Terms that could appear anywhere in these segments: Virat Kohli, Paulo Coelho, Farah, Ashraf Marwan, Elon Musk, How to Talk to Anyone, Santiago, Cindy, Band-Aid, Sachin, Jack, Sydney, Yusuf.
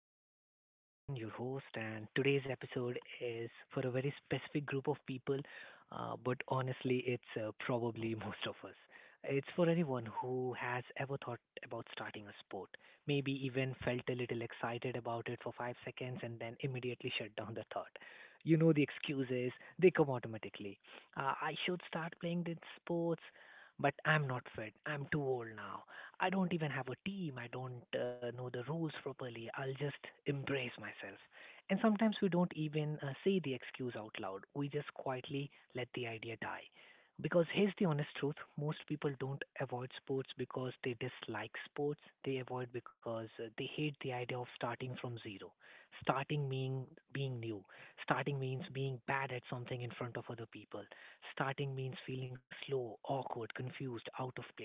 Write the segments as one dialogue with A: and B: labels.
A: podcast. I am Sachin, your host, and today's episode is for a very specific group of people, but honestly, it's probably most of us. It's for anyone who has ever thought about starting a sport, maybe even felt a little excited about it for 5 seconds and then immediately shut down the thought. You know, the excuses, they come automatically. I should start playing these sports, but I'm not fit. I'm too old now. I don't even have a team. I don't know the rules properly. I'll just embrace myself. And sometimes we don't even say the excuse out loud. We just quietly let the idea die. Because here's the honest truth: most people don't avoid sports because they dislike sports. They avoid because they hate the idea of starting from zero. Starting means being new. Starting means being bad at something in front of other people. Starting means feeling slow, awkward, confused, out of place.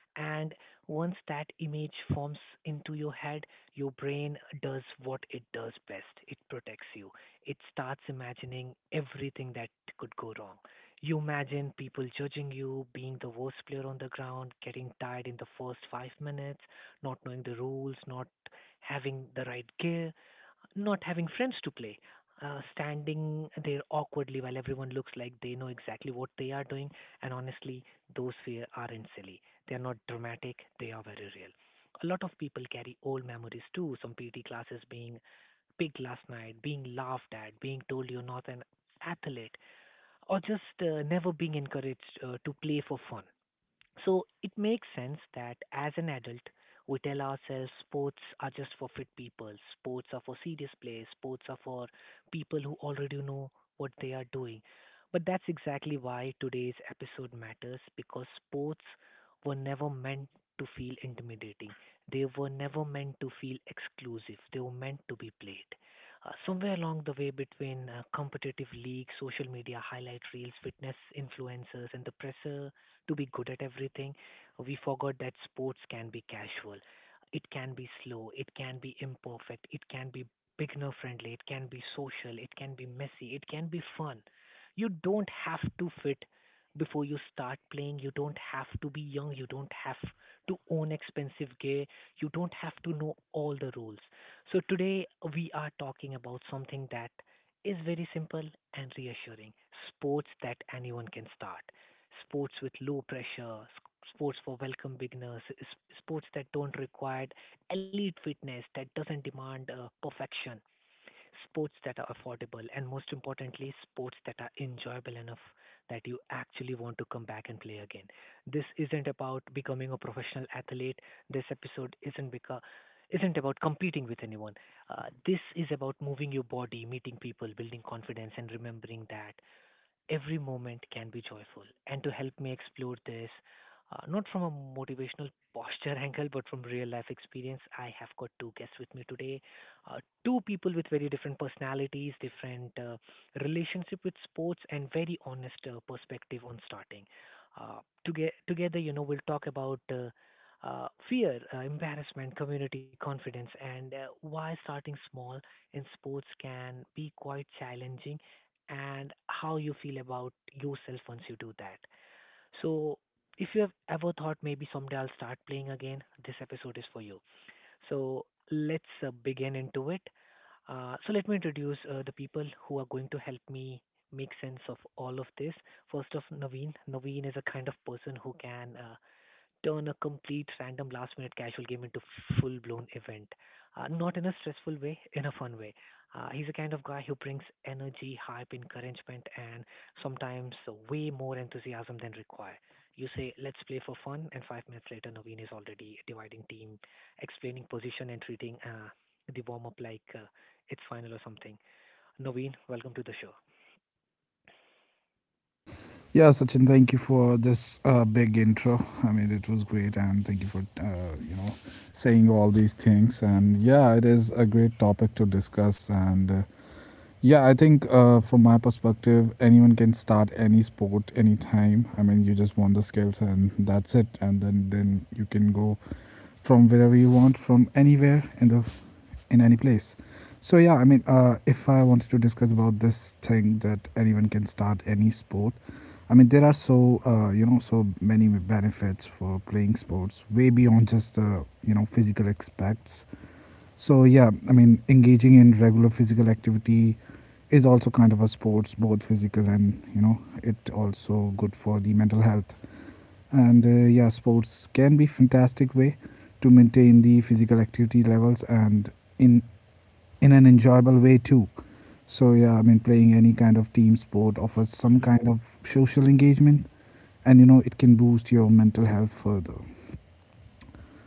A: And once that image forms into your head, your brain does what it does best: it protects you. It starts imagining everything that could go wrong. You imagine people judging you, being the worst player on the ground, getting tired in the first 5 minutes, not knowing the rules, not having the right gear, not having friends to play, standing there awkwardly while everyone looks like they know exactly what they are doing. And honestly, those fears aren't silly. They are not dramatic. They are very real. A lot of people carry old memories too. Some PT classes, being picked last night, being laughed at, being told you're not an athlete, or just never being encouraged to play for fun. So it makes sense that as an adult, we tell ourselves sports are just for fit people, sports are for serious players, sports are for people who already know what they are doing. But that's exactly why today's episode matters, because sports were never meant to feel intimidating. They were never meant to feel exclusive. They were meant to be played. Somewhere along the way, between competitive leagues, social media highlight reels, fitness influencers, and the pressure to be good at everything, we forgot that sports can be casual, it can be slow, it can be imperfect, it can be beginner friendly, it can be social, it can be messy, it can be fun. You don't have to fit before you start playing, you don't have to be young, you don't have to own expensive gear, you don't have to know all the rules. So, today we are talking about something that is very simple and reassuring: sports that anyone can start, sports with low pressure, sports for welcome beginners, sports that don't require elite fitness, that doesn't demand perfection, sports that are affordable, and most importantly, sports that are enjoyable enough that you actually want to come back and play again. This isn't about becoming a professional athlete. This episode isn't about competing with anyone. This is about moving your body, meeting people, building confidence, and remembering that every moment can be joyful. And to help me explore this, not from a motivational posture angle, but from real life experience, I have got two guests with me today. Uh, Two people with very different personalities, different relationship with sports, and very honest perspective on starting. Uh, together, you know, we'll talk about. Fear, embarrassment, community confidence, and why starting small in sports can be quite challenging and how you feel about yourself once you do that. So, if you have ever thought maybe someday I'll start playing again, this episode is for you. So, let's begin into it. So, let me introduce the people who are going to help me make sense of all of this. First of Naveen. Naveen is a kind of person who can turn a complete random last minute casual game into full blown event. Not in a stressful way, in a fun way. He's the kind of guy who brings energy, hype, encouragement, and sometimes way more enthusiasm than required. You say, let's play for fun, and 5 minutes later, Naveen is already dividing team, explaining position, and treating the warm up like it's final or something. Naveen, welcome to the show.
B: Yeah, Sachin, thank you for this big intro. I mean, it was great, and thank you for saying all these things. And yeah, it is a great topic to discuss. And yeah, I think from my perspective, anyone can start any sport anytime. I mean, you just want the skills, and that's it. And then you can go from wherever you want, from anywhere in the in any place. So yeah, I mean, if I wanted to discuss about this thing that anyone can start any sport, I mean there are so many benefits for playing sports way beyond just the physical aspects. So yeah, I mean engaging in regular physical activity is also kind of a sports, both physical and it also good for the mental health. And yeah, sports can be fantastic way to maintain the physical activity levels and in in an enjoyable way too. So yeah, I mean, playing any kind of team sport offers some
A: Hmm.
B: kind of social engagement, and it can boost your mental health further.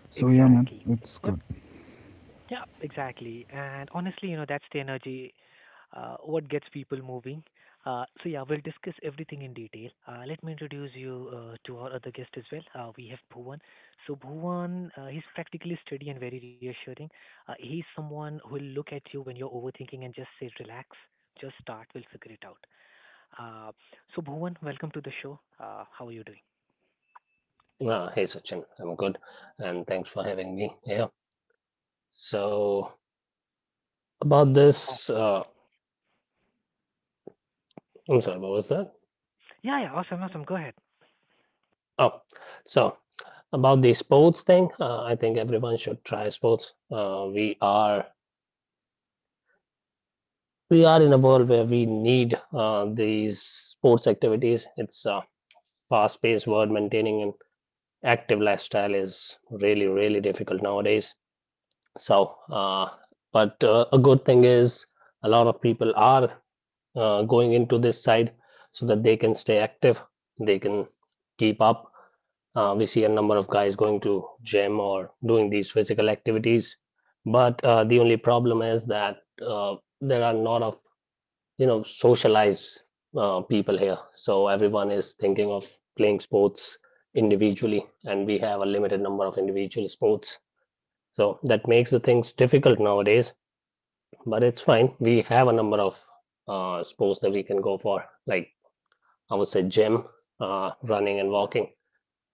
B: So yeah, man,
A: Exactly.
B: it's good.
A: Yeah, exactly. And honestly, you know, that's the energy, what gets people moving. So yeah, we'll discuss everything in detail. Let me introduce you to our other guest as well. We have Bhuvan. So Bhuvan, he's practically steady and very reassuring. He's someone who will look at you when you're overthinking and just say, relax, just start, we'll figure it out. Uh, so Bhuvan, welcome to the show. How are you doing?
C: Hey Sachin, I'm good, and thanks for having me here. So about
A: Awesome.
C: this, I'm sorry, what was that?
A: Yeah, yeah, awesome, awesome. Go ahead.
C: Oh, so about the sports thing, I think everyone should try sports. We are in a world where we need these sports activities. It's a fast-paced world. Maintaining an active lifestyle is really, really difficult nowadays. So, uh, but a good thing is a lot of people are going into this side so that they can stay active, they can keep up. We see a number of guys going to gym or doing these physical activities, but the only problem is that there are not of socialized people here, so everyone is thinking of playing sports individually, and we have a limited number of individual sports. So that makes the things difficult nowadays, but it's fine. We have a number of sports that we can go for, like I would say gym, running and walking,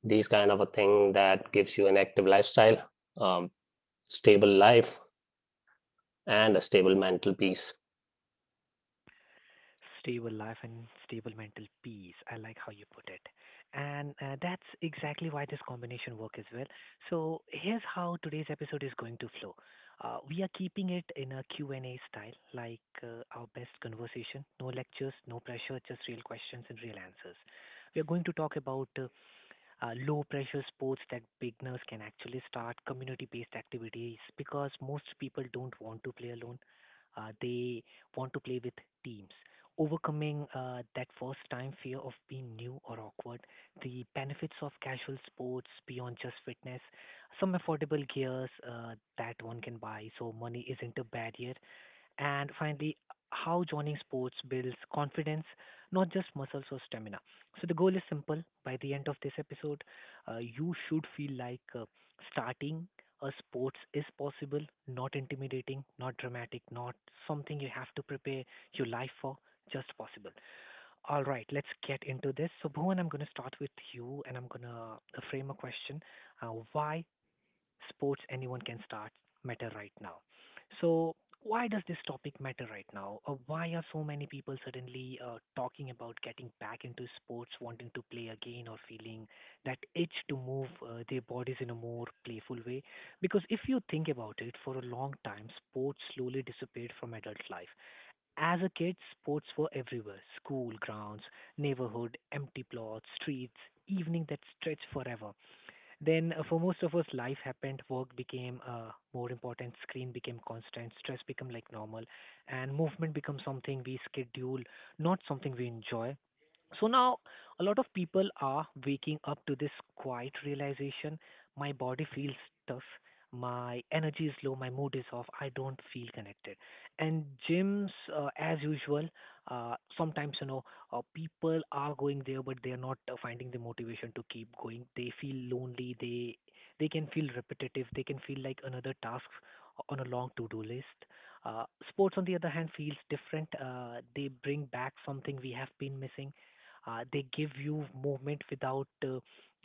C: these kind of a thing that gives you an active lifestyle, um, stable life, and a stable mental peace.
A: Stable life and stable mental peace. I like how you put it. And that's exactly why this combination work as well. So here's how today's episode is going to flow. We are keeping it in a Q&A style, like our best conversation. No lectures, no pressure, just real questions and real answers. We are going to talk about low pressure sports that beginners can actually start, community based activities, because most people don't want to play alone, they want to play with teams, overcoming that first time fear of being new or awkward, the benefits of casual sports beyond just fitness, some affordable gears that one can buy so money isn't a barrier, and finally, how joining sports builds confidence, not just muscles or stamina. So the goal is simple. By the end of this episode, you should feel like starting a sports is possible, not intimidating, not dramatic, not something you have to prepare your life for, just possible. All right, let's get into this. So, Bhuvan, I'm going to start with you and I'm going to frame a question. Why sports anyone can start matter right now. So, why does this topic matter right now? Or why are so many people suddenly talking about getting back into sports, wanting to play again, or feeling that itch to move their bodies in a more playful way? Because if you think about it, for a long time, sports slowly disappeared from adult life. As a kid, sports were everywhere: school grounds, neighborhood, empty plots, streets, evening that stretched forever. Then for most of us, life happened. Work became more important. Screen became constant. Stress became like normal, and movement becomes something we schedule, not something we enjoy. So now, a lot of people are waking up to this quiet realization: my body feels tough, my energy is low, my mood is off, I don't feel connected. And gyms, as usual, sometimes, you know, people are going there, but they are not finding the motivation to keep going. They feel lonely. They can feel repetitive. They can feel like another task on a long to-do list. Sports, on the other hand, feels different. They bring back something we have been missing. They give you movement without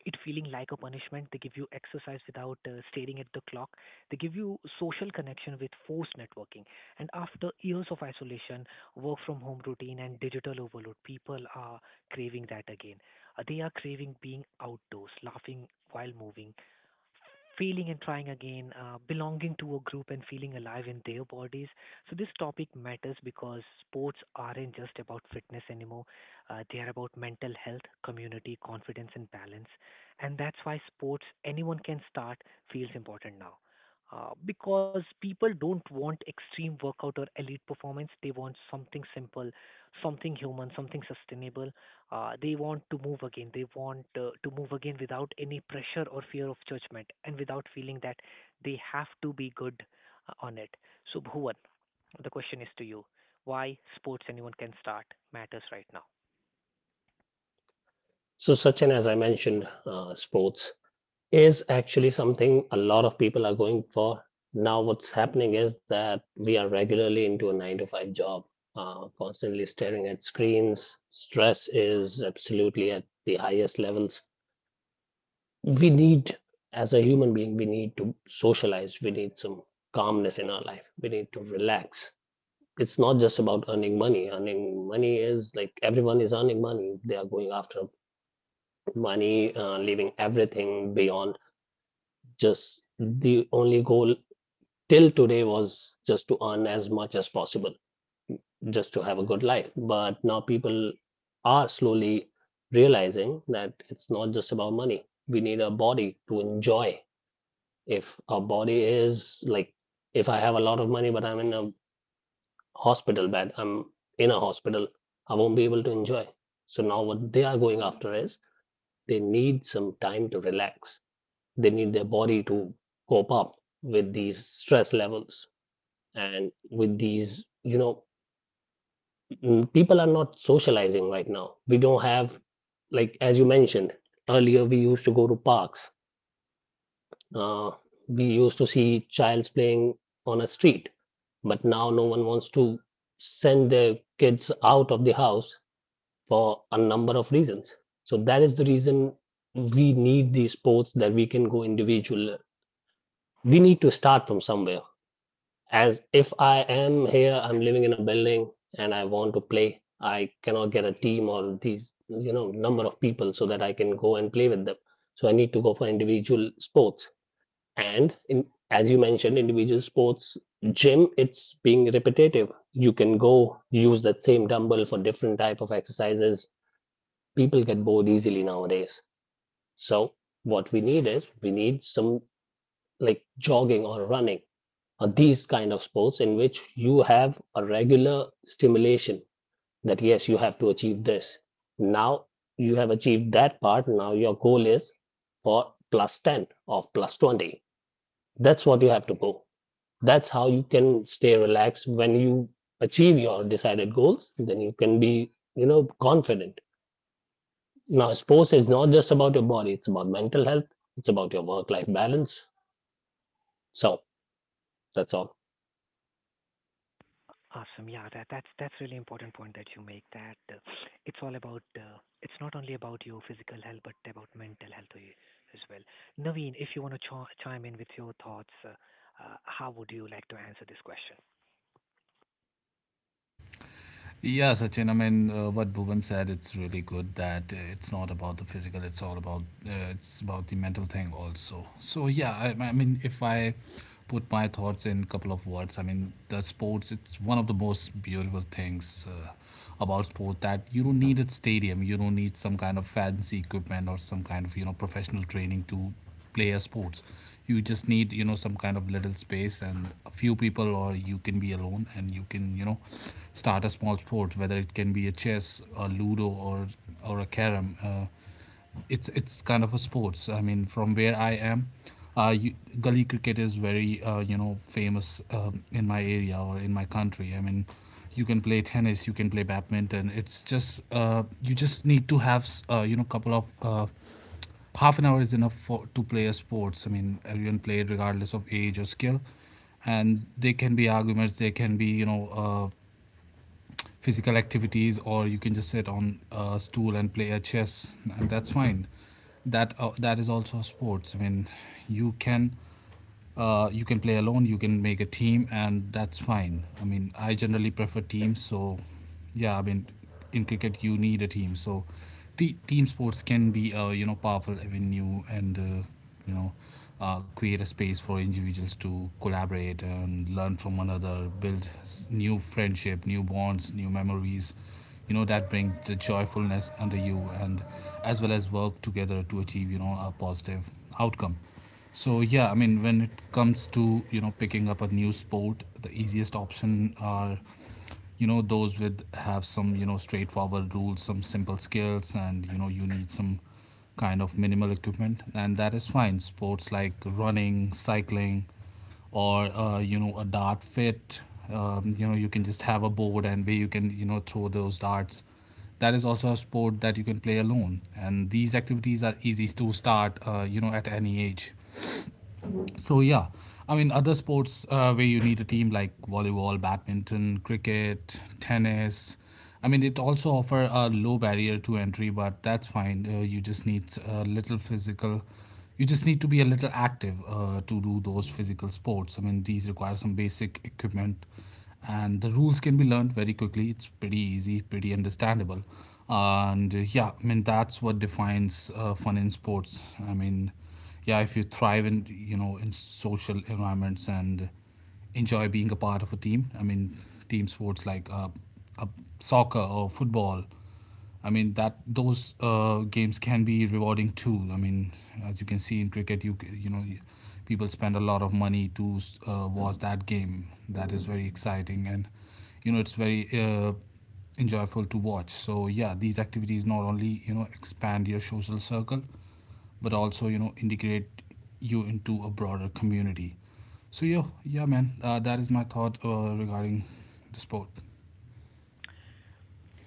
A: it feeling like a punishment. They give you exercise without staring at the clock. They give you social connection with forced networking. And after years of isolation, work from home routine, and digital overload, people are craving that again. They are craving being outdoors, laughing while moving, failing and trying again, belonging to a group and feeling alive in their bodies. So, this topic matters because sports aren't just about fitness anymore, they are about mental health, community, confidence, and balance. And that's why sports, anyone can start, feels important now. Because people don't want extreme workout or elite performance, they want something simple, something human, something sustainable, they want to move again. They want to move again without any pressure or fear of judgment and without feeling that they have to be good on it. So, Bhuvan, the question is to you: why sports anyone can start matters right now.
C: So, Sachin, as I mentioned, sports is actually something a lot of people are going for. Now, what's happening is that we are regularly into a 9 to 5 job, constantly staring at screens. Stress is absolutely at the highest levels. We need, as a human being, we need to socialize, we need some calmness in our life, we need to relax. It's not just about earning money. Earning money is like everyone is earning money. They are going after money, leaving everything beyond. Just the only goal till today was just to earn as much as possible, just to have a good life. But now people are slowly realizing that it's not just about money. We need a body to enjoy. If a body is like, if I have a lot of money but I'm in a hospital bed, I'm in a hospital, I won't be able to enjoy. So now what they are going after is they need some time to relax. They need their body to cope up with these stress levels. And with these, people are not socializing right now. We don't have, like as you mentioned earlier, we used to go to parks. Uh, we used to see childs playing on a street, but now no one wants to send their kids out of the house for a number of reasons. So that is the reason we need these sports that we can go individual. We need to start from somewhere. As if I am here, I'm living in a building and I want to play, I cannot get a team or these, you know, number of people so that I can go and play with them. So I need to go for individual sports. And in, as you mentioned, individual sports, gym, it's being repetitive. You can go use that same dumbbell for different type of exercises. People get bored easily nowadays. So what we need is we need some like jogging or running or these kind of sports in which you have a regular stimulation that yes, you have to achieve this. Now you have achieved that part. Now your goal is for plus 10 or plus 20. That's what you have to go. That's how you can stay relaxed when you achieve your decided goals. Then you can be, you know, confident. Now, sports is not just about your body, it's about mental health, it's about your work life balance. So, that's all.
A: Awesome. Yeah, that's really important point that you make. That it's all about. It's not only about your physical health, but about mental health as well. Naveen, if you want to chime in with your thoughts, how would you like to answer this question?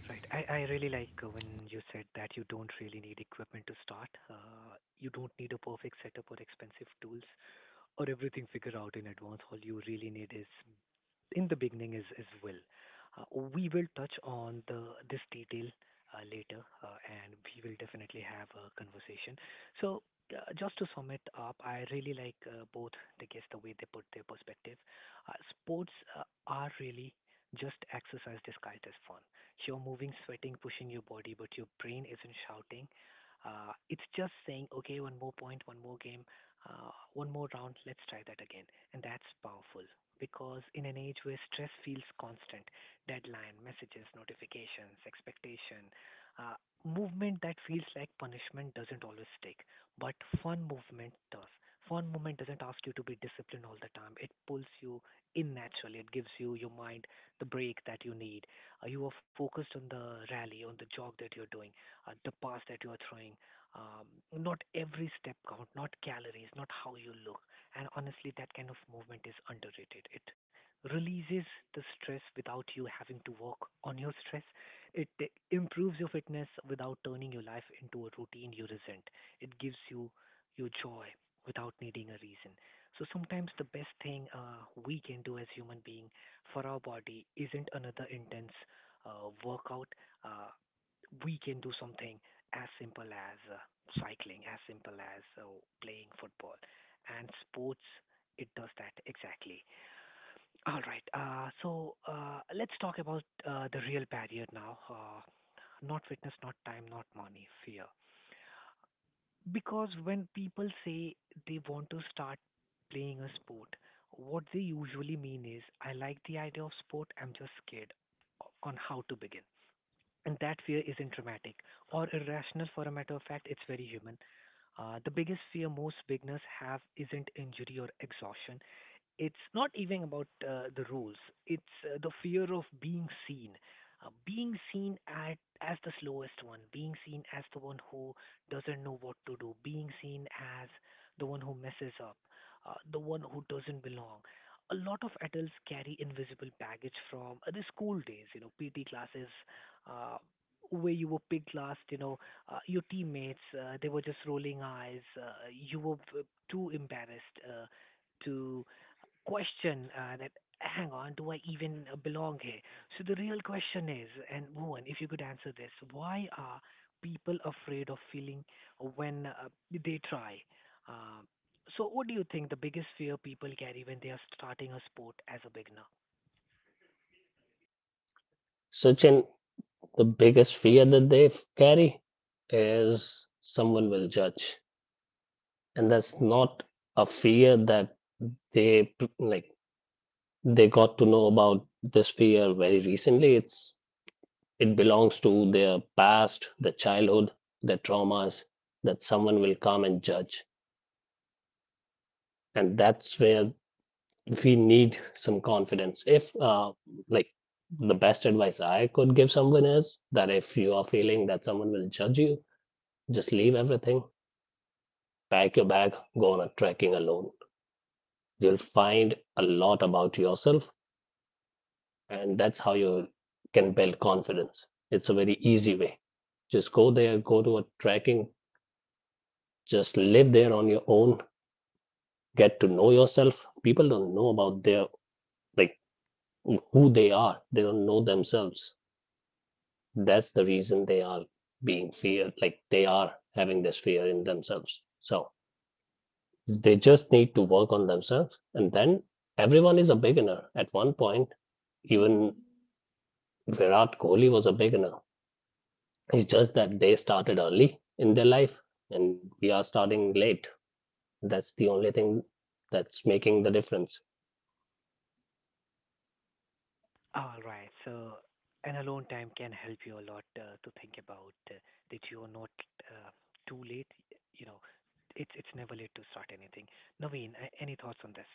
A: Right. I really like when you said that you don't really need equipment to start. Uh, You don't need a perfect setup or expensive tools or everything figured out in advance. All you really need is in the beginning is will. Uh, we will touch on the this detail later, and we will definitely have a conversation. Just to sum it up, I really like both the guests the way they put their perspective. Sports are really just exercise disguised as fun. You're moving, sweating, pushing your body, but your brain isn't shouting. It's just saying, okay, one more point, one more game, one more round, let's try that again. And that's powerful because in an age where stress feels constant, deadline, messages, notifications, expectation, uh, movement that feels like punishment doesn't always stick, but fun movement does. Fun movement doesn't ask you to be disciplined all the time. It pulls you in naturally. It gives you your mind the break that you need. You are focused on the rally, on the jog that you're doing, the pass that you are throwing. Um, Not every step count, not calories, not how you look. And honestly, that kind of movement is underrated. It releases the stress without you having to work on your stress. It improves your fitness without turning your life into a routine you resent. It gives you your joy without needing a reason. So sometimes the best thing we can do as human being for our body isn't another intense workout. Uh, we can do something as simple as cycling, as simple as playing football, and sports it does that exactly. All right. So let's talk about the real barrier now. Not fitness, not time, not money, fear. Because when people say they want to start playing a sport, what they usually mean is, I like the idea of sport, I'm just scared on how to begin. And that fear isn't dramatic or irrational for a matter of fact, it's very human. The biggest fear most beginners have isn't injury or exhaustion, it's not even about the rules, it's the fear of being seen, being seen as the slowest one, being seen as the one who doesn't know what to do, being seen as the one who messes up, the one who doesn't belong. A lot of adults carry invisible baggage from the school days, you know, PT classes, uh, where you were picked last, you know, your teammates, they were just rolling eyes, you were too embarrassed to question that, hang on, do I even belong here? So the real question is, and Bhuvan, if you could answer this, why are people afraid of feeling when they try? Um so what do you think the biggest fear people carry when they are starting a sport as a beginner?
C: Sachin, the biggest fear that carry is someone will judge. And that's not a fear that like they got to know about this fear very recently. It's It belongs to their past, their childhood, their traumas that someone will come and judge. And that's where we need some confidence. If, like, The best advice I could give someone is that if you are feeling that someone will judge you, just leave everything, pack your bag, go on a trekking alone. You'll find a lot about yourself, and that's how you can build confidence. It's a very easy way. Just go there, go to a trekking. Just live there on your own, get to know yourself. People don't know about their, like, who they are. They don't know themselves. That's the reason they are being feared, like they are having this fear in themselves. So they just need to work on themselves. And then everyone is a beginner at one point. Even Virat Kohli was a beginner. It's just that they started early in their life and we are starting late. That's the only thing that's making the difference.
A: All right, so an alone time can help you a lot to think about that you are not uh, too late. You know, it's never late to start anything. Naveen, any thoughts on this?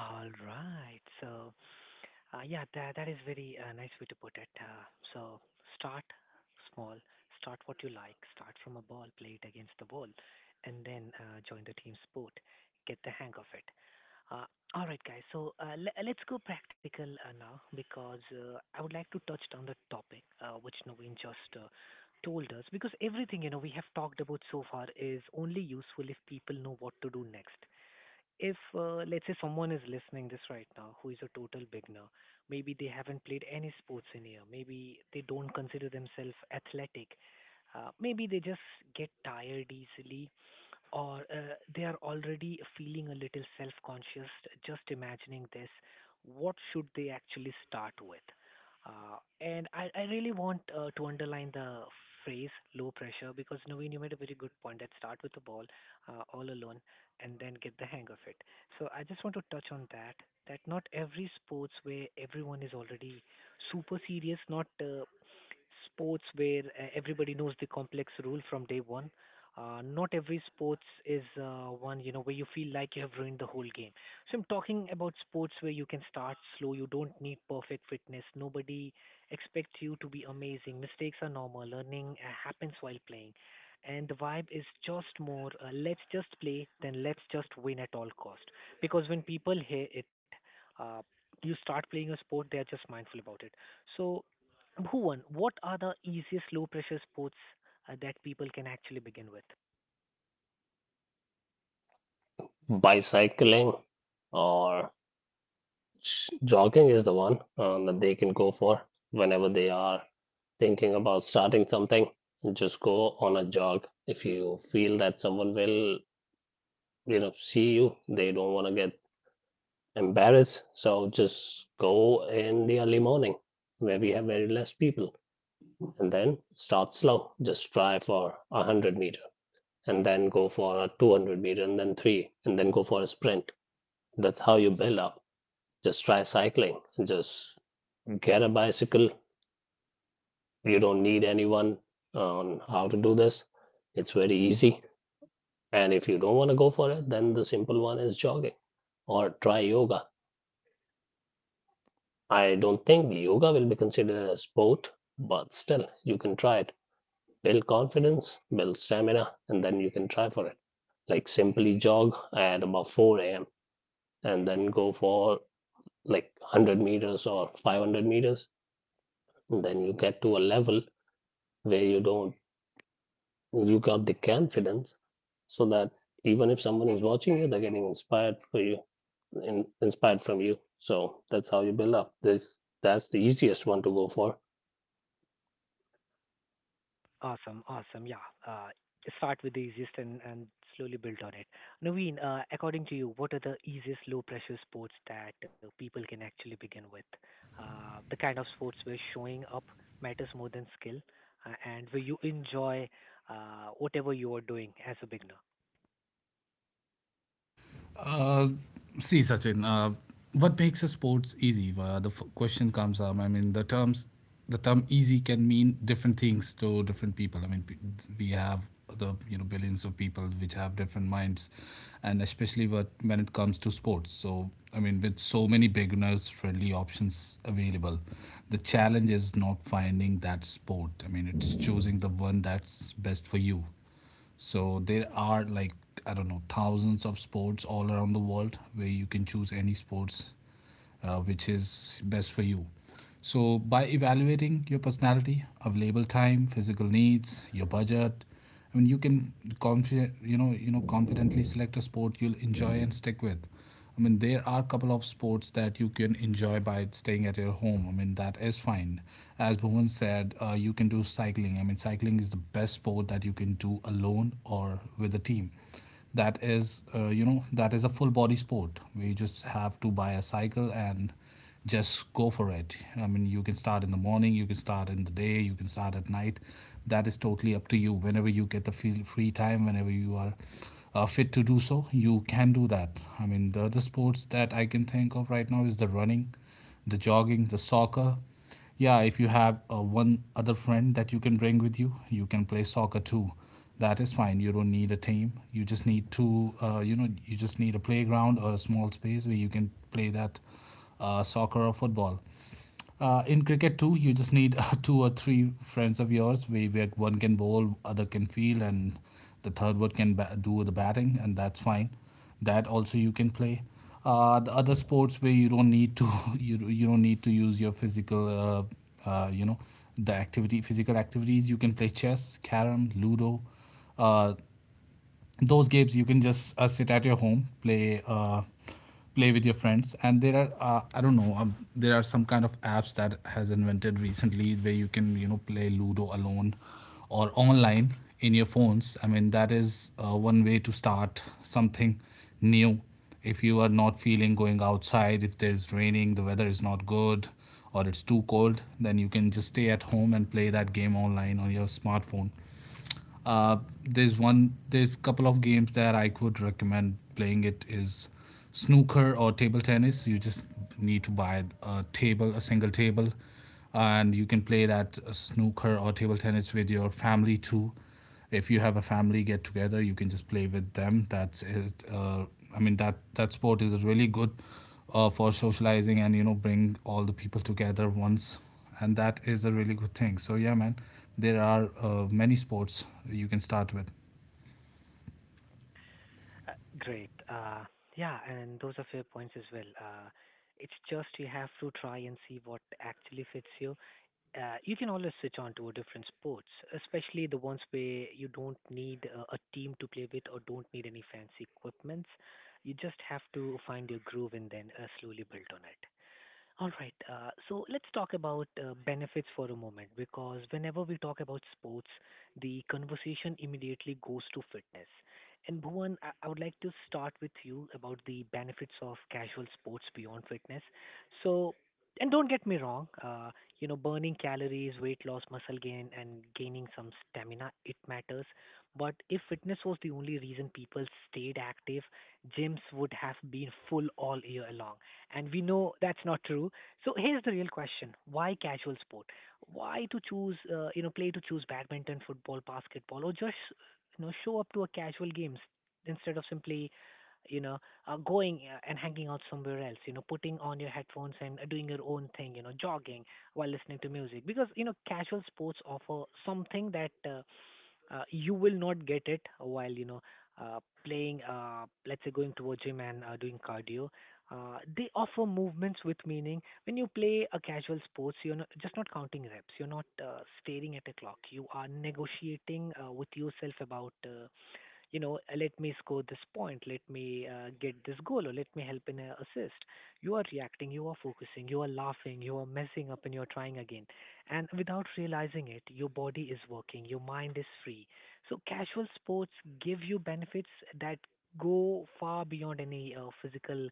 A: All right. So, yeah, that is very nice way to put it. So start small, start what you like, start from a ball, play it against the wall, and then join the team sport. Get the hang of it. Uh, all right, guys. So let's go practical now because I would like to touch on the topic which Naveen just told us, because everything you know we have talked about so far is only useful if people know what to do next. If let's say someone is listening this right now who is a total beginner, maybe they haven't played any sports in here, maybe they don't consider themselves athletic, maybe they just get tired easily, or they are already feeling a little self conscious just imagining this, what should they actually start with? And I really want to underline the phrase low pressure, because Naveen, you made a very good point that start with the ball all alone and then get the hang of it. So I just want to touch on that, that not every sports where everyone is already super serious, not sports where everybody knows the complex rule from day one. Not every sports is one you know where you feel like you have ruined the whole game. So I'm talking about sports where you can start slow. You don't need perfect fitness. Nobody expects you to be amazing. Mistakes are normal. Learning happens while playing, and the vibe is just more let's just play than let's just win at all cost. Because when people hear it, uh, you start playing a sport, they are just mindful about it. So Bhuvan, what are the easiest low pressure sports that people can actually begin with?
C: Bicycling or jogging is the one that they can go for whenever they are thinking about starting something. Just go on a jog. If you feel that someone will, you know, see you, they don't want to get embarrassed. So just go in the early morning where we have very less people and then start slow. Just try for a 100 meter and then go for a 200 meter and then three and then go for a sprint. That's how you build up. Just try cycling. Just get a bicycle. You don't need anyone on how to do this. It's very easy. And if you don't want to go for it, then the simple one is jogging or try yoga. I don't think yoga will be considered a sport, but still, you can try it. Build confidence, build stamina, and then you can try for it. Like simply jog at about 4 a.m. and then go for like 100 meters or 500 meters. And then you get to a level where you don't you got the confidence so that even if someone is watching you, they're getting inspired for you, inspired from you. So that's how you build up. This That's the easiest one to go for.
A: Awesome, awesome. Yeah. Start with the easiest and slowly build on it. Naveen, according to you, what are the easiest low pressure sports that people can actually begin with? The kind of sports where showing up matters more than skill and where you enjoy whatever you are doing as a beginner. Uh, Great. Yeah, and those are fair points as well. It's just you have to try and see what actually fits you. You can always switch on to a different sports, especially the ones where you don't need a team to play with or don't need any fancy equipments. You just have to find your groove and then slowly build on it. All right. So let's talk about benefits for a moment because whenever we talk about sports, the conversation immediately goes to fitness. And Bhuvan, I would like to start with you about the benefits of casual sports beyond fitness. So, and don't get me wrong, you know, burning calories, weight loss, muscle gain, and gaining some stamina, it matters. But if fitness was the only reason people stayed active, gyms would have been full all year long and we know that's not true. So here's the real question: Why casual sport? Why to choose, you know, play to choose badminton, football, basketball, or just you know show up to a casual games instead of simply you know going and hanging out somewhere else, you know, putting on your headphones and doing your own thing, you know, jogging while listening to music, because you know casual sports offer something that you will not get it while you know uh, playing let's say going to a gym and doing cardio. Uh, they offer movements with meaning. When you play a casual sports, you're not, just not counting reps, you're not staring at a clock, you are negotiating with yourself about you know, let me score this point, let me get this goal, or let me help in a assist. You are reacting, you are focusing, you are laughing, you are messing up, and you are trying again. And without realizing it, your body is working, your mind is free. So casual sports give you benefits that go far beyond any physical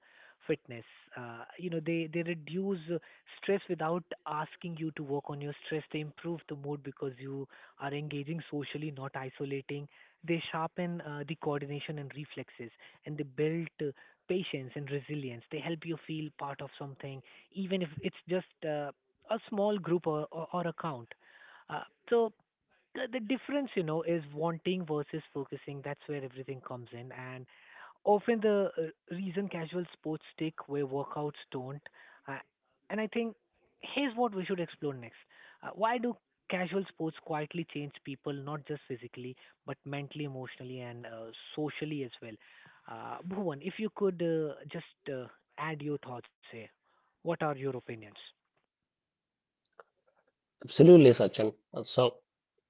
A: fitness. You know, they reduce stress without asking you to work on your stress. They improve the mood because you are engaging socially, not isolating. They sharpen the coordination and reflexes, and they build patience and resilience. They help you feel part of something, even if it's just a small group or account. Uh, so the difference you know is wanting versus focusing, that's where everything comes in, and often the reason casual sports stick where workouts don't. Uh, and i think here's what we should explore next: why do casual sports quietly change people, not just physically but mentally, emotionally, and socially as well? Uh, bhuvan, if you could just uh, add your thoughts here, what are your opinions?
C: Absolutely, Sachin. So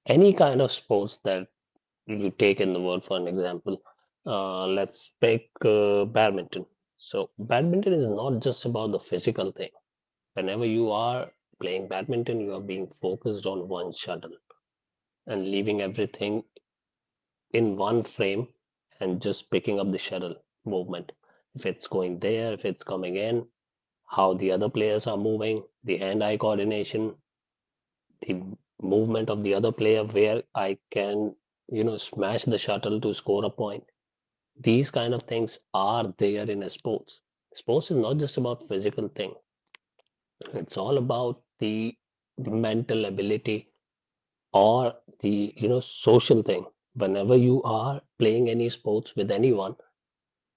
C: any kind of sports that you take in the world, for an example, let's pick badminton. So badminton is not just about the physical thing. Whenever you are playing badminton, you are being focused on one shuttle and leaving everything in one frame and just picking up the shuttle movement. If it's going there, if it's coming in, how the other players are moving, the hand eye coordination, the movement of the other player, where I can, you know, smash the shuttle to score a point. These kind of things are there in sports. Sports is not just about physical thing. It's all about the mental ability or the, you know, social thing. Whenever you are playing any sports with anyone,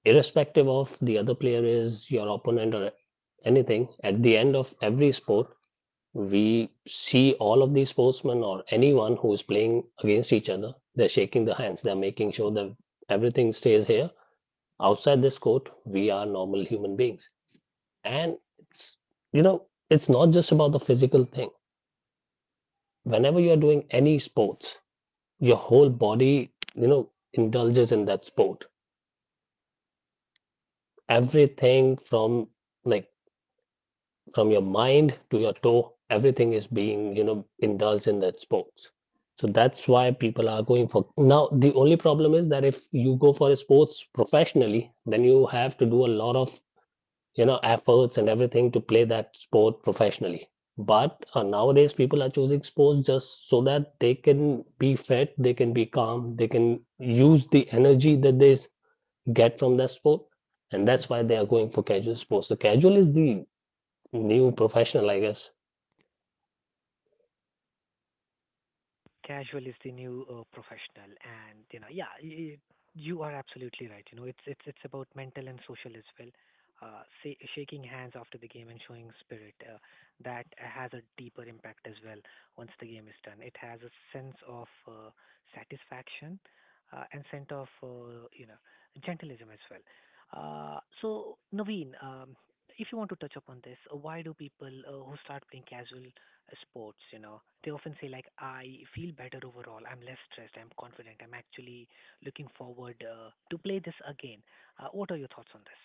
C: irrespective of the other player is your opponent or anything, at the end of every sport, we see all of these sportsmen or anyone who is playing against each other. They're shaking the hands, they're making sure that everything stays here. Outside this court, we are normal human beings. And it's, you know, it's not just about the physical thing. Whenever you're doing any sports, your whole body, you know, indulges in that sport. Everything from, like, from your mind to your toe, everything is being, you know, indulged in that sports. So that's why people are going for. Now the only problem is that if you go for a sports professionally then you have to do a lot of, you know, efforts and everything to play that sport professionally. But nowadays people are choosing sports just so that they can be fit, they can be calm, they can use the energy that get from that sport. And that's why they are going for casual sports. The casual is the new professional, I guess.
A: Casual is the new professional, and you know, yeah, you are absolutely right. You know, it's about mental and social as well. Say, shaking hands after the game and showing spirit, that has a deeper impact as well. Once the game is done, it has a sense of satisfaction and sense of you know gentleism as well. So Naveen, if you want to touch upon this, why do people who start playing casual sports, you know, they often say like, I feel better overall. I'm less stressed. I'm confident. I'm actually looking forward to play this again. What are your thoughts on this?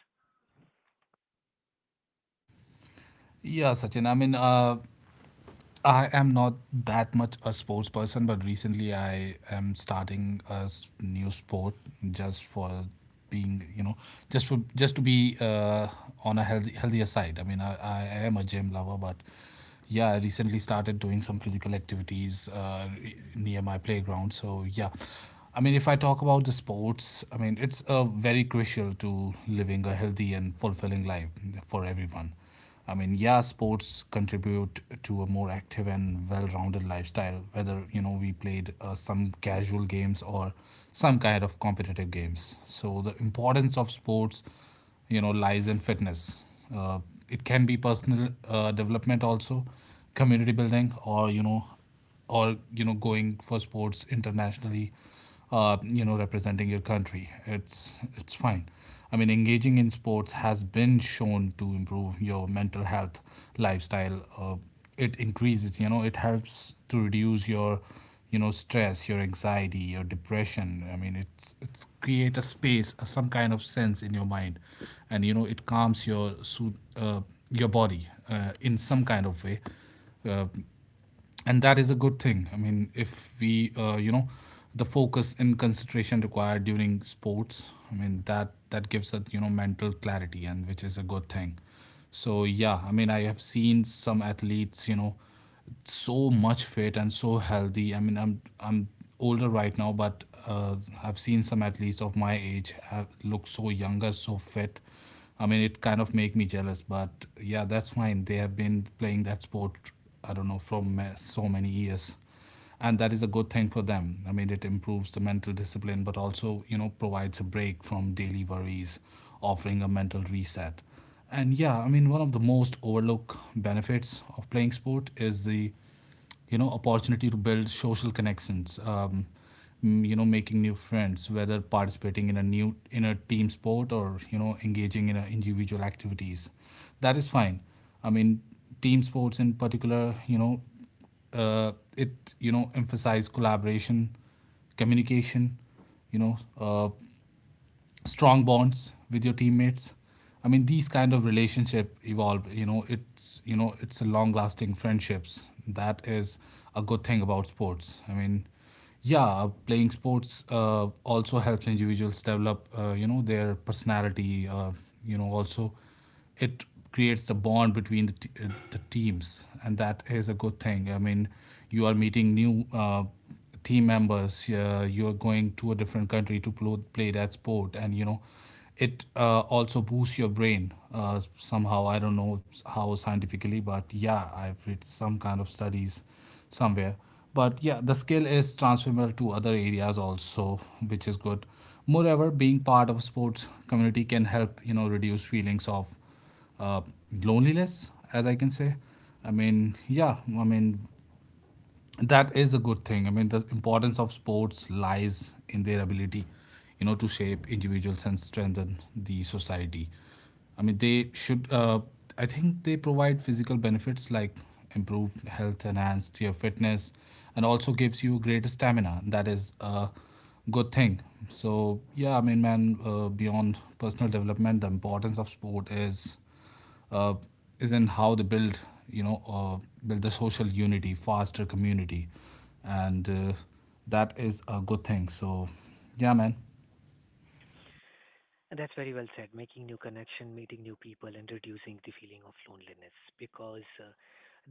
A: And that's very well said. Making new connection, meeting new people, and reducing the feeling of loneliness. Because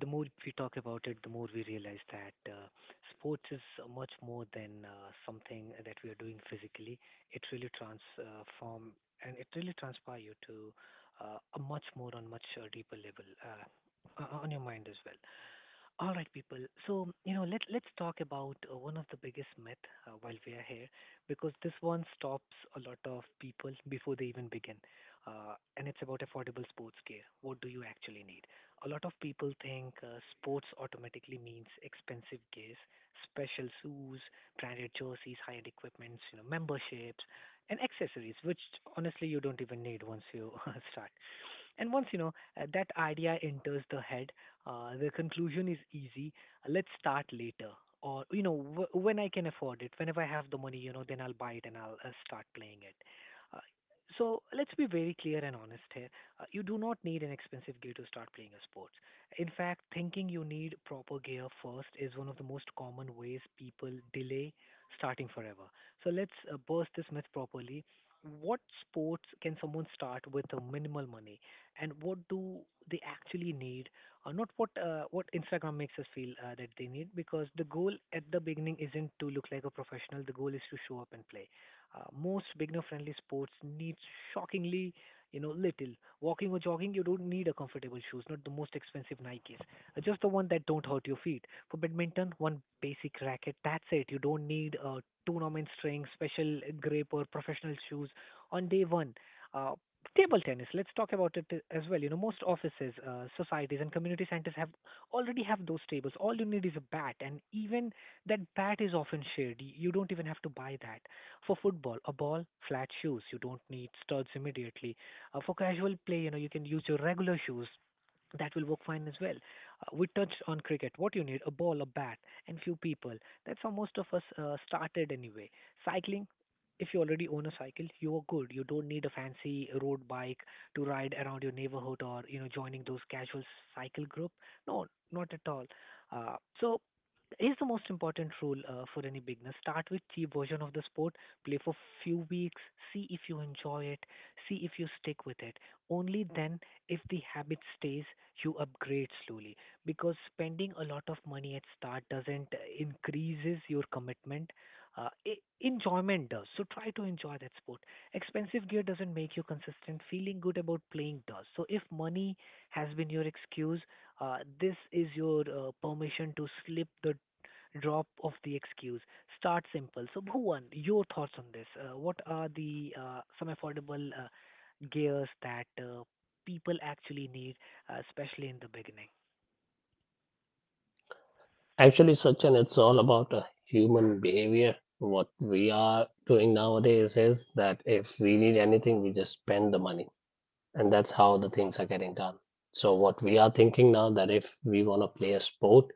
A: the more we talk about it, the more we realize that sports is much more than something that we are doing physically. It really transform and it really transpire you to a much more on much deeper level on your mind as well. All right, people. So, you know, let's talk about one of the biggest myth while we are here, because this one stops a lot of people before they even begin. And it's about affordable sports gear. What do you actually need? A lot of people think sports automatically means expensive gears, special shoes, branded jerseys, high-end equipments, you know, memberships, and accessories, which honestly you don't even need once you start. And once you know that idea enters the head, the conclusion is easy. Let's start later, or you know, when I can afford it, whenever I have the money, you know, then I'll buy it and I'll start playing it. Uh, so let's be very clear and honest here. You do not need an expensive gear to start playing a sport. In fact, thinking you need proper gear first is one of the most common ways people delay starting forever. So let's burst this myth properly. What sports can someone start with a minimal money, and what do they actually need, not what Instagram makes us feel that they need. Because the goal at the beginning isn't to look like a professional. The goal is to show up and play. Most beginner-friendly sports need, shockingly, you know, little. Walking or jogging, you don't need a comfortable shoes, not the most expensive Nikes, just the one that don't hurt your feet. For badminton, one basic racket. That's it. You don't need tournament string, special grip, or professional shoes on day one. Uh, Table tennis, let's talk about it as well. You know, most offices, societies, and community centers have already have those tables. All you need is a bat, and even that bat is often shared. You don't even have to buy that. For football, a ball, flat shoes. You don't need studs immediately. For casual play, you know, you can use your regular shoes that will work fine as well. We touched on cricket. What you need, a ball, a bat, and few people. That's how most of us started anyway. Cycling, if you already own a cycle, you are good. You don't need a fancy road bike to ride around your neighborhood or, you know, joining those casual cycle group. No, not at all. Uh, so. Here's the most important rule for any beginner. Start with cheap version of the sport, play for few weeks, see if you enjoy it, see if you stick with it, only then, if the habit stays, you upgrade slowly because spending a lot of money at start doesn't increases your commitment. Enjoyment does. So try to enjoy that sport. Expensive gear doesn't make you consistent. Feeling good about playing does. So if money has been your excuse, this is your permission to slip the drop of the excuse. Start simple. So, Bhuvan, your thoughts on this? What are the some affordable gears that people actually need, especially in the beginning.
C: Actually, Sachin, it's all about human behavior. What we are doing nowadays is that if we need anything, we just spend the money, and that's how the things are getting done. So what we are thinking now that if we want to play a sport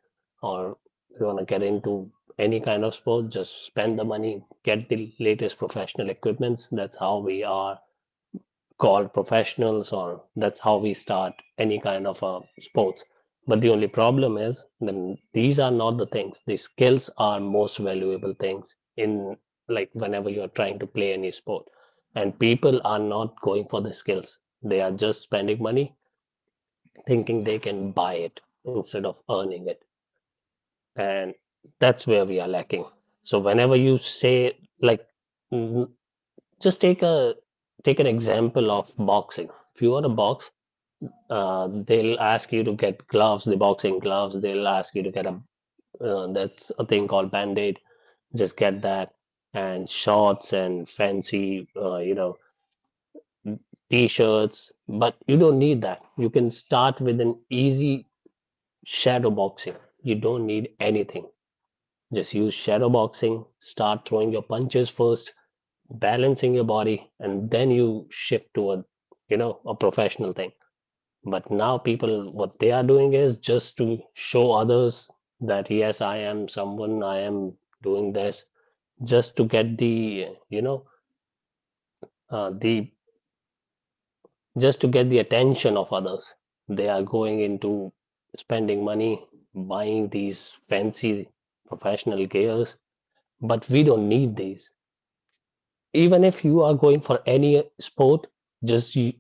C: or we want to get into any kind of sport, just spend the money, get the latest professional equipments. That's how we are called professionals or that's how we start any kind of a sports. But the only problem is then these are not the things. The skills are most valuable things in, like, whenever you're trying to play any sport, and people are not going for the skills, they are just spending money, thinking they can buy it instead of earning it. And that's where we are lacking. So whenever you say, like mm, just take a take an example of boxing. If you are a box they'll ask you to get gloves, the boxing gloves. They'll ask you to get a there's a thing called Band-Aid. Just get that and shorts and fancy t-shirts. But you don't need that. You can start with an easy shadow boxing. You don't need anything. Just use shadow boxing. Start throwing your punches first, balancing your body, and then you shift toward you know a professional thing. But now people, what they are doing is just to show others that yes, I am someone, I am doing this, just to get the, you know, the just to get the attention of others. They are going into spending money, buying these fancy professional gears, but we don't need these. Even if you are going for any sport, just you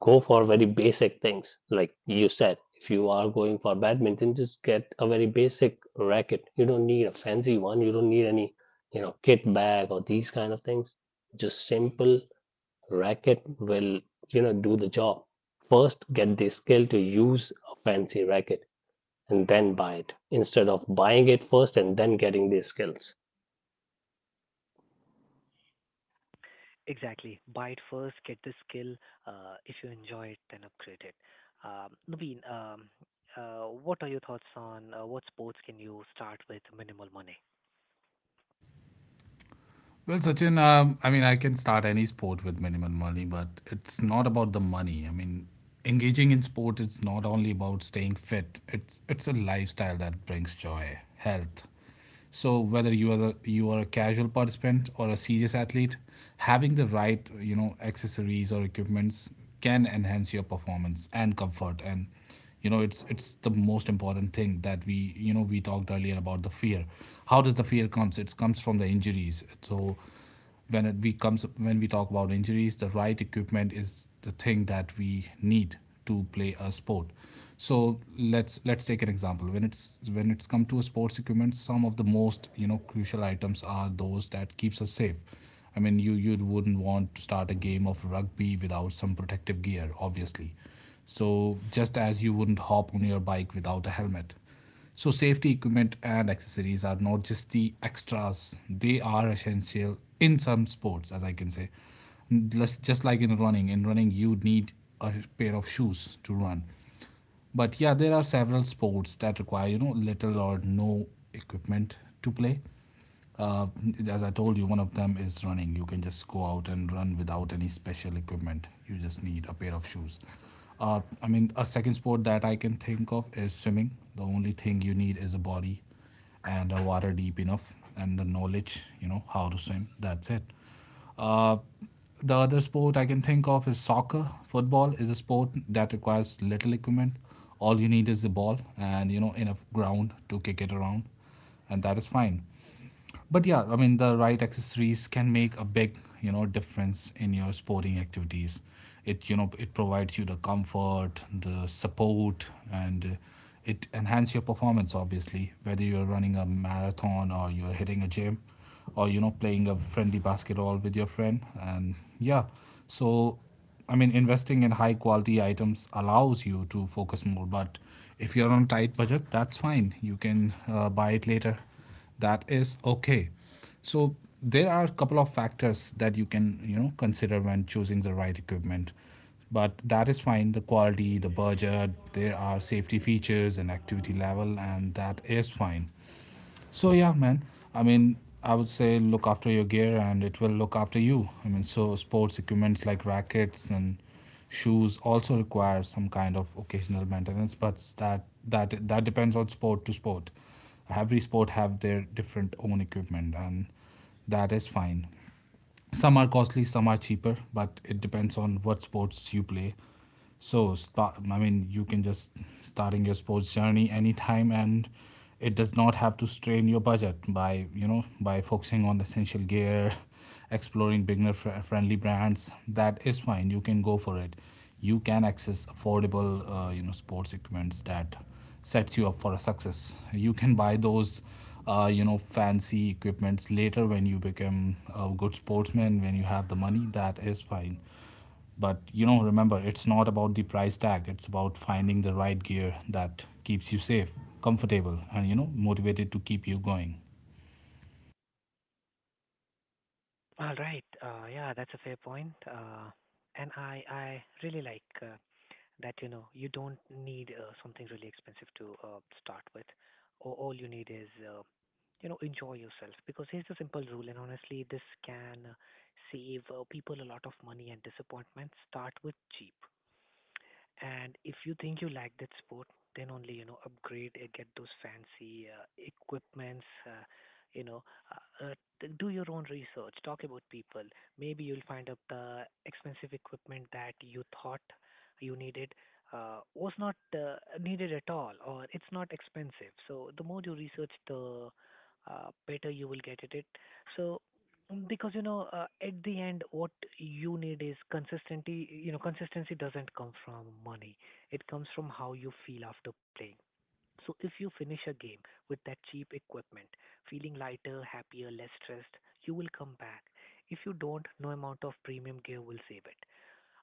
C: go for very basic things. Like you said, if you are going for badminton, just get a very basic racket. You don't need a fancy one. You don't need any, you know, kit bag or these kind of things. Just simple racket will, you know, do the job. First, get the skill to use a fancy racket and then buy it instead of buying it first and then getting the skills.
A: Exactly. Buy it first, get the skill. If you enjoy it, then upgrade it. Naveen, what are your thoughts on what sports can you start with minimal money? All right. Yeah, that's a fair point. And I really like that you know you don't need something really expensive to start with. Or all you need is you know enjoy yourself because here's the simple rule, and honestly, this can save people a lot of money and disappointment. Start with cheap. And if you think you like that sport, then only, you know, upgrade, get those fancy equipments. You know, uh, uh, do your own research. Talk about people. Maybe you'll find out the expensive equipment that you thought you needed was not needed at all, or it's not expensive. So the more you research, the better you will get at it. So because you know, at the end what you need is consistency. You know, consistency doesn't come from money, it comes from how you feel after playing. So if you finish a game with that cheap equipment feeling lighter, happier, less stressed, you will come back. If you don't, no amount of premium gear will save it.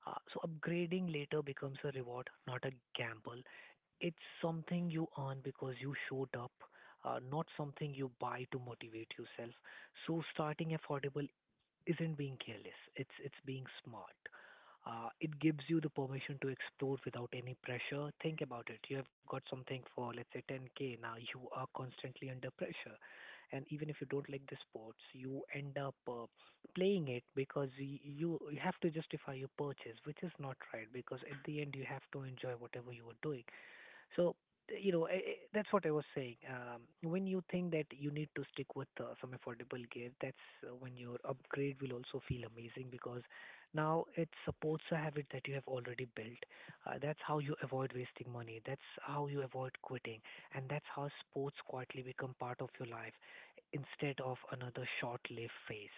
A: So upgrading later becomes a reward, not a gamble. It's something you earn because you showed up, not something you buy to motivate yourself. So starting affordable isn't being careless. It's being smart. It gives you the permission to explore without any pressure. Think about it. You have got something for let's say 10K. Now you are constantly under pressure, and even if you don't like the sports, you end up playing it because you have to justify your purchase, which is not right. Because at the end, you have to enjoy whatever you are doing. So, you know, that's what I was saying. When you think that you need to stick with some affordable gear, that's when your upgrade will also feel amazing because now it supports a habit that you have already built. That's how you avoid wasting money. That's how you avoid quitting. And that's how sports quietly become part of your life instead of another short-lived phase.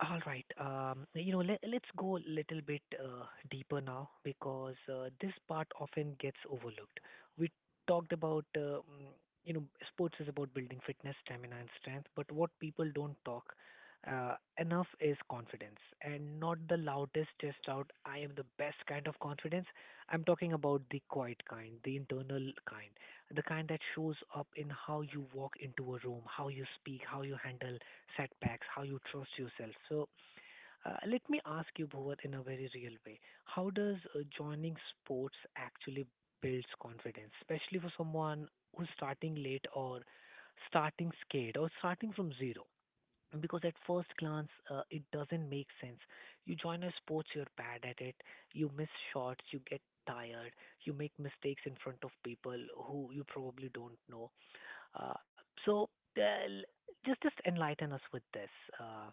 A: All right. You know, let's go a little bit deeper now because this part often gets overlooked. We talked about, you know, sports is about building fitness, stamina, and strength, but what people don't talk uh, enough is confidence, and not the loudest just out, I am the best kind of confidence. I'm talking about the quiet kind, the internal kind, the kind that shows up in how you walk into a room, how you speak, how you handle setbacks, how you trust yourself. So, let me ask you, Bhuvat, in a very real way, how does joining sports actually builds confidence, especially for someone who's starting late or starting scared or starting from zero? Because at first glance, it doesn't make sense. You join a sports, you're bad at it, you miss shots, you get tired, you make mistakes in front of people who you probably don't know. Uh, so uh, l- just enlighten us with this. Uh,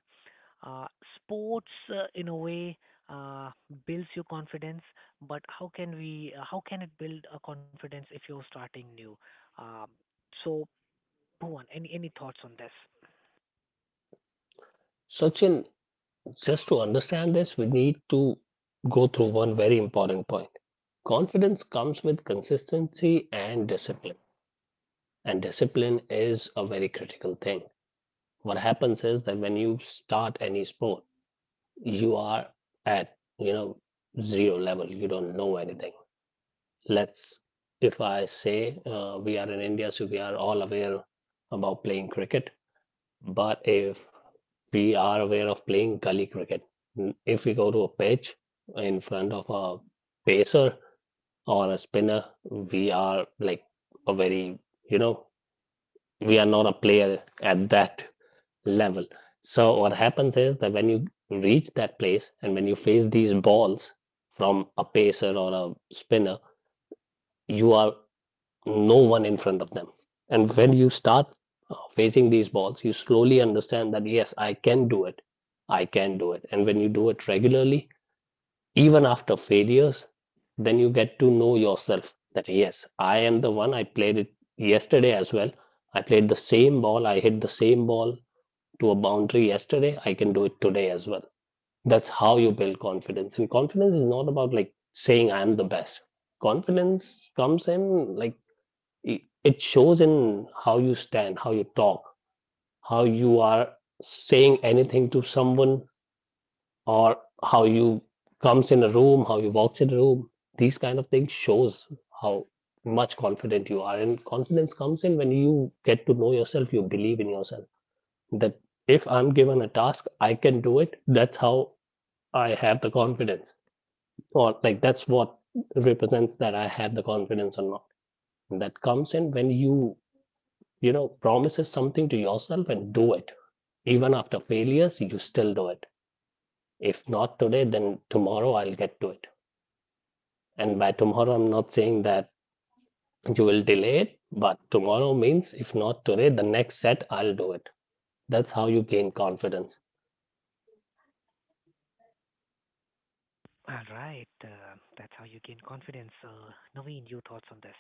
A: uh, Sports, in a way, uh, builds your confidence, but how can we? How can it build a confidence if you're starting new? Um, so, Bhuvan, any thoughts on this?
C: Sachin, just to understand this, we need to go through one very important point. Confidence comes with consistency and discipline. And discipline is a very critical thing. What happens is that when you start any sport, you are at, you know, zero level. You don't know anything. Let's, if I say we are in India, so we are all aware about playing cricket. But if we are aware of playing gully cricket. Mm, if we go to a pitch in front of a pacer or a spinner, we are like a very, you know, we are not a player at that level. So what happens is that when you reach that place and when you face these balls from a pacer or a spinner, you are no one in front of them. And when you start facing these balls, you slowly understand that, yes, I can do it. I can do it. And when you do it regularly, even after failures, then you get to know yourself that, yes, I am the one. I played it yesterday as well. I played the same ball. I hit the same ball to a boundary yesterday. I can do it today as well. That's how you build confidence. And confidence is not about like saying I'm the best. Confidence comes in like it shows in how you stand, how you talk, how you are saying anything to someone, or how you comes in a room, how you walks in a room. These kind of things shows how much confident you are, and confidence comes in when you get to know yourself. You believe in yourself that if I'm given a task, I can do it. That's how I have the confidence, or like that's what represents that I have the confidence or not. And that comes in when you know promises something to yourself and do it even after failures you still do it if not today then tomorrow I'll get to it and by tomorrow I'm not saying that you will delay it but tomorrow means if not today the next set I'll do it that's how you gain confidence
A: All right, that's how you gain confidence. Naveen, your thoughts on this?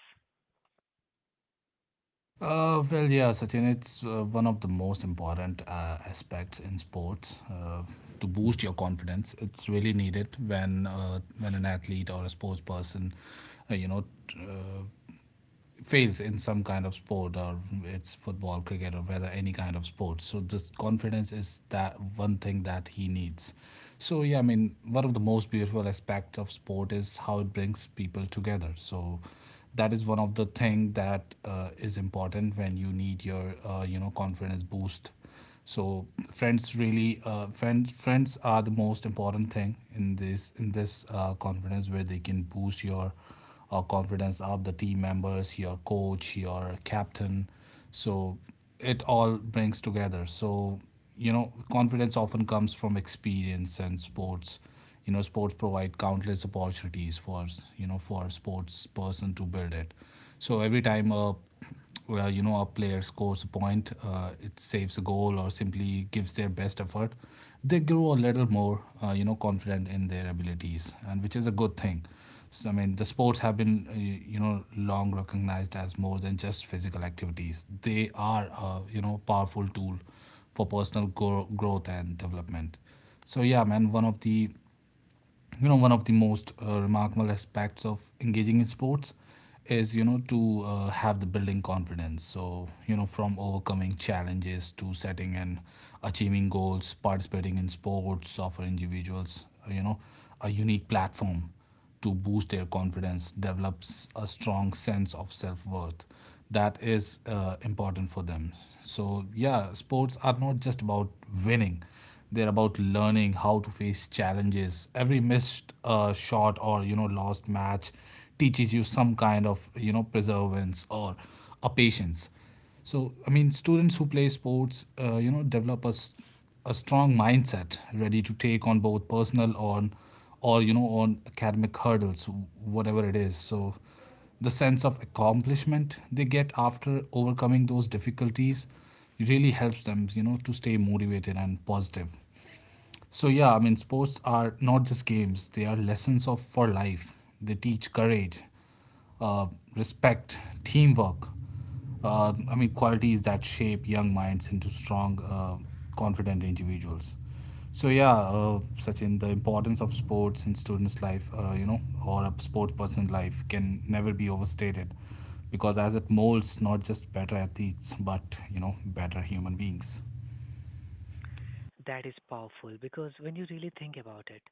A: That is powerful because when you really think about it,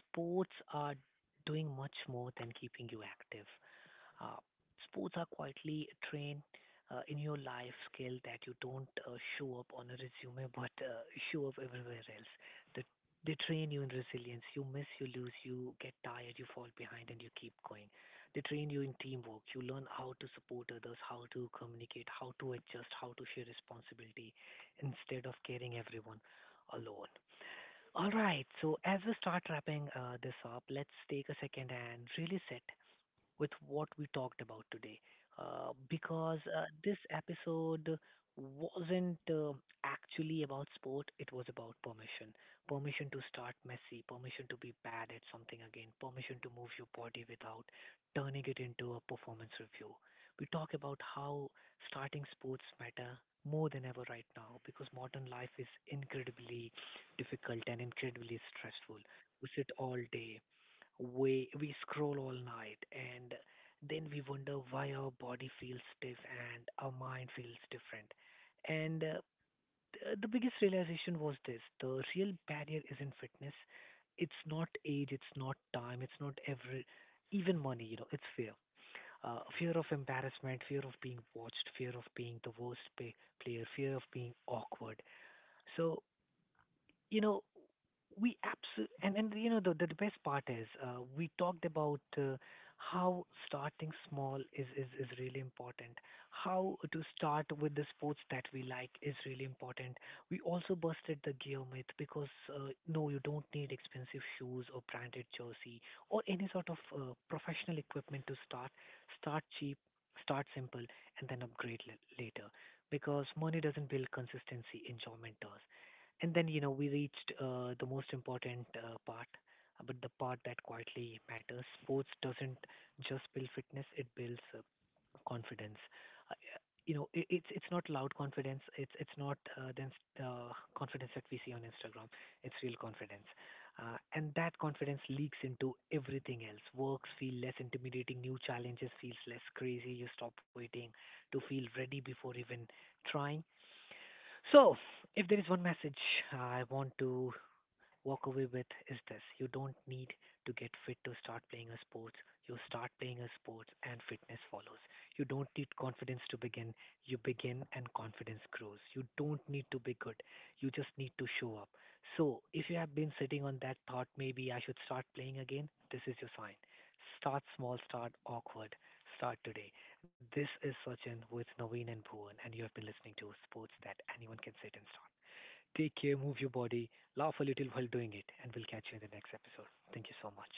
A: sports are doing much more than keeping you active. Uh, sports are quietly trained in your life skill that you don't show up on a resume but show up everywhere else. The, they train you in resilience. You miss, you lose, you get tired, you fall behind, and you keep going. They train you in teamwork. You learn how to support others, how to communicate, how to adjust, how to share responsibility instead of carrying everyone alone. All right, so as we start wrapping this up, let's take a second and really sit with what we talked about today because this episode wasn't actually about sport, it was about permission. Permission to start messy, permission to be bad at something again, permission to move your body without turning it into a performance review. We talk about how starting sports matter more than ever right now because modern life is incredibly difficult and incredibly stressful. We sit all day, we scroll all night, and then we wonder why our body feels stiff and our mind feels different. And uh, the biggest realization was this: the real barrier isn't fitness. It's not age. It's not time. It's not every, even money. You know, it's fear. Fear of embarrassment, fear of being watched, fear of being the worst player, fear of being awkward. So, you know, we absolutely, and you know, the best part is, we talked about how starting small is really important, how to start with the sports that we like is really important. We also busted the gear myth because, no, you don't need expensive shoes or branded jersey or any sort of professional equipment to start. Start cheap, start simple, and then upgrade later, because money doesn't build consistency, enjoyment does. And then, you know, we reached the most important part, but the part that quietly matters. Sports doesn't just build fitness, it builds confidence. Uh, you know, it's not loud confidence. It's not then uh, confidence that we see on Instagram. It's real confidence, and that confidence leaks into everything else. Works feel less intimidating. New challenges feels less crazy. You stop waiting to feel ready before even trying. So, if there is one message I want to walk away with is this: you don't need to get fit to start playing a sports. You start playing a sports and fitness follows. You don't need confidence to begin. You begin and confidence grows. You don't need to be good. You just need to show up. So if you have been sitting on that thought, maybe I should start playing again, this is your sign. Start small, start awkward, start today. This is Sachin with Naveen and Bhuvan, and you have been listening to Sports That Anyone Can Sit and Start. Take care, move your body, laugh a little while doing it, and we'll catch you in the next episode. Thank you so much.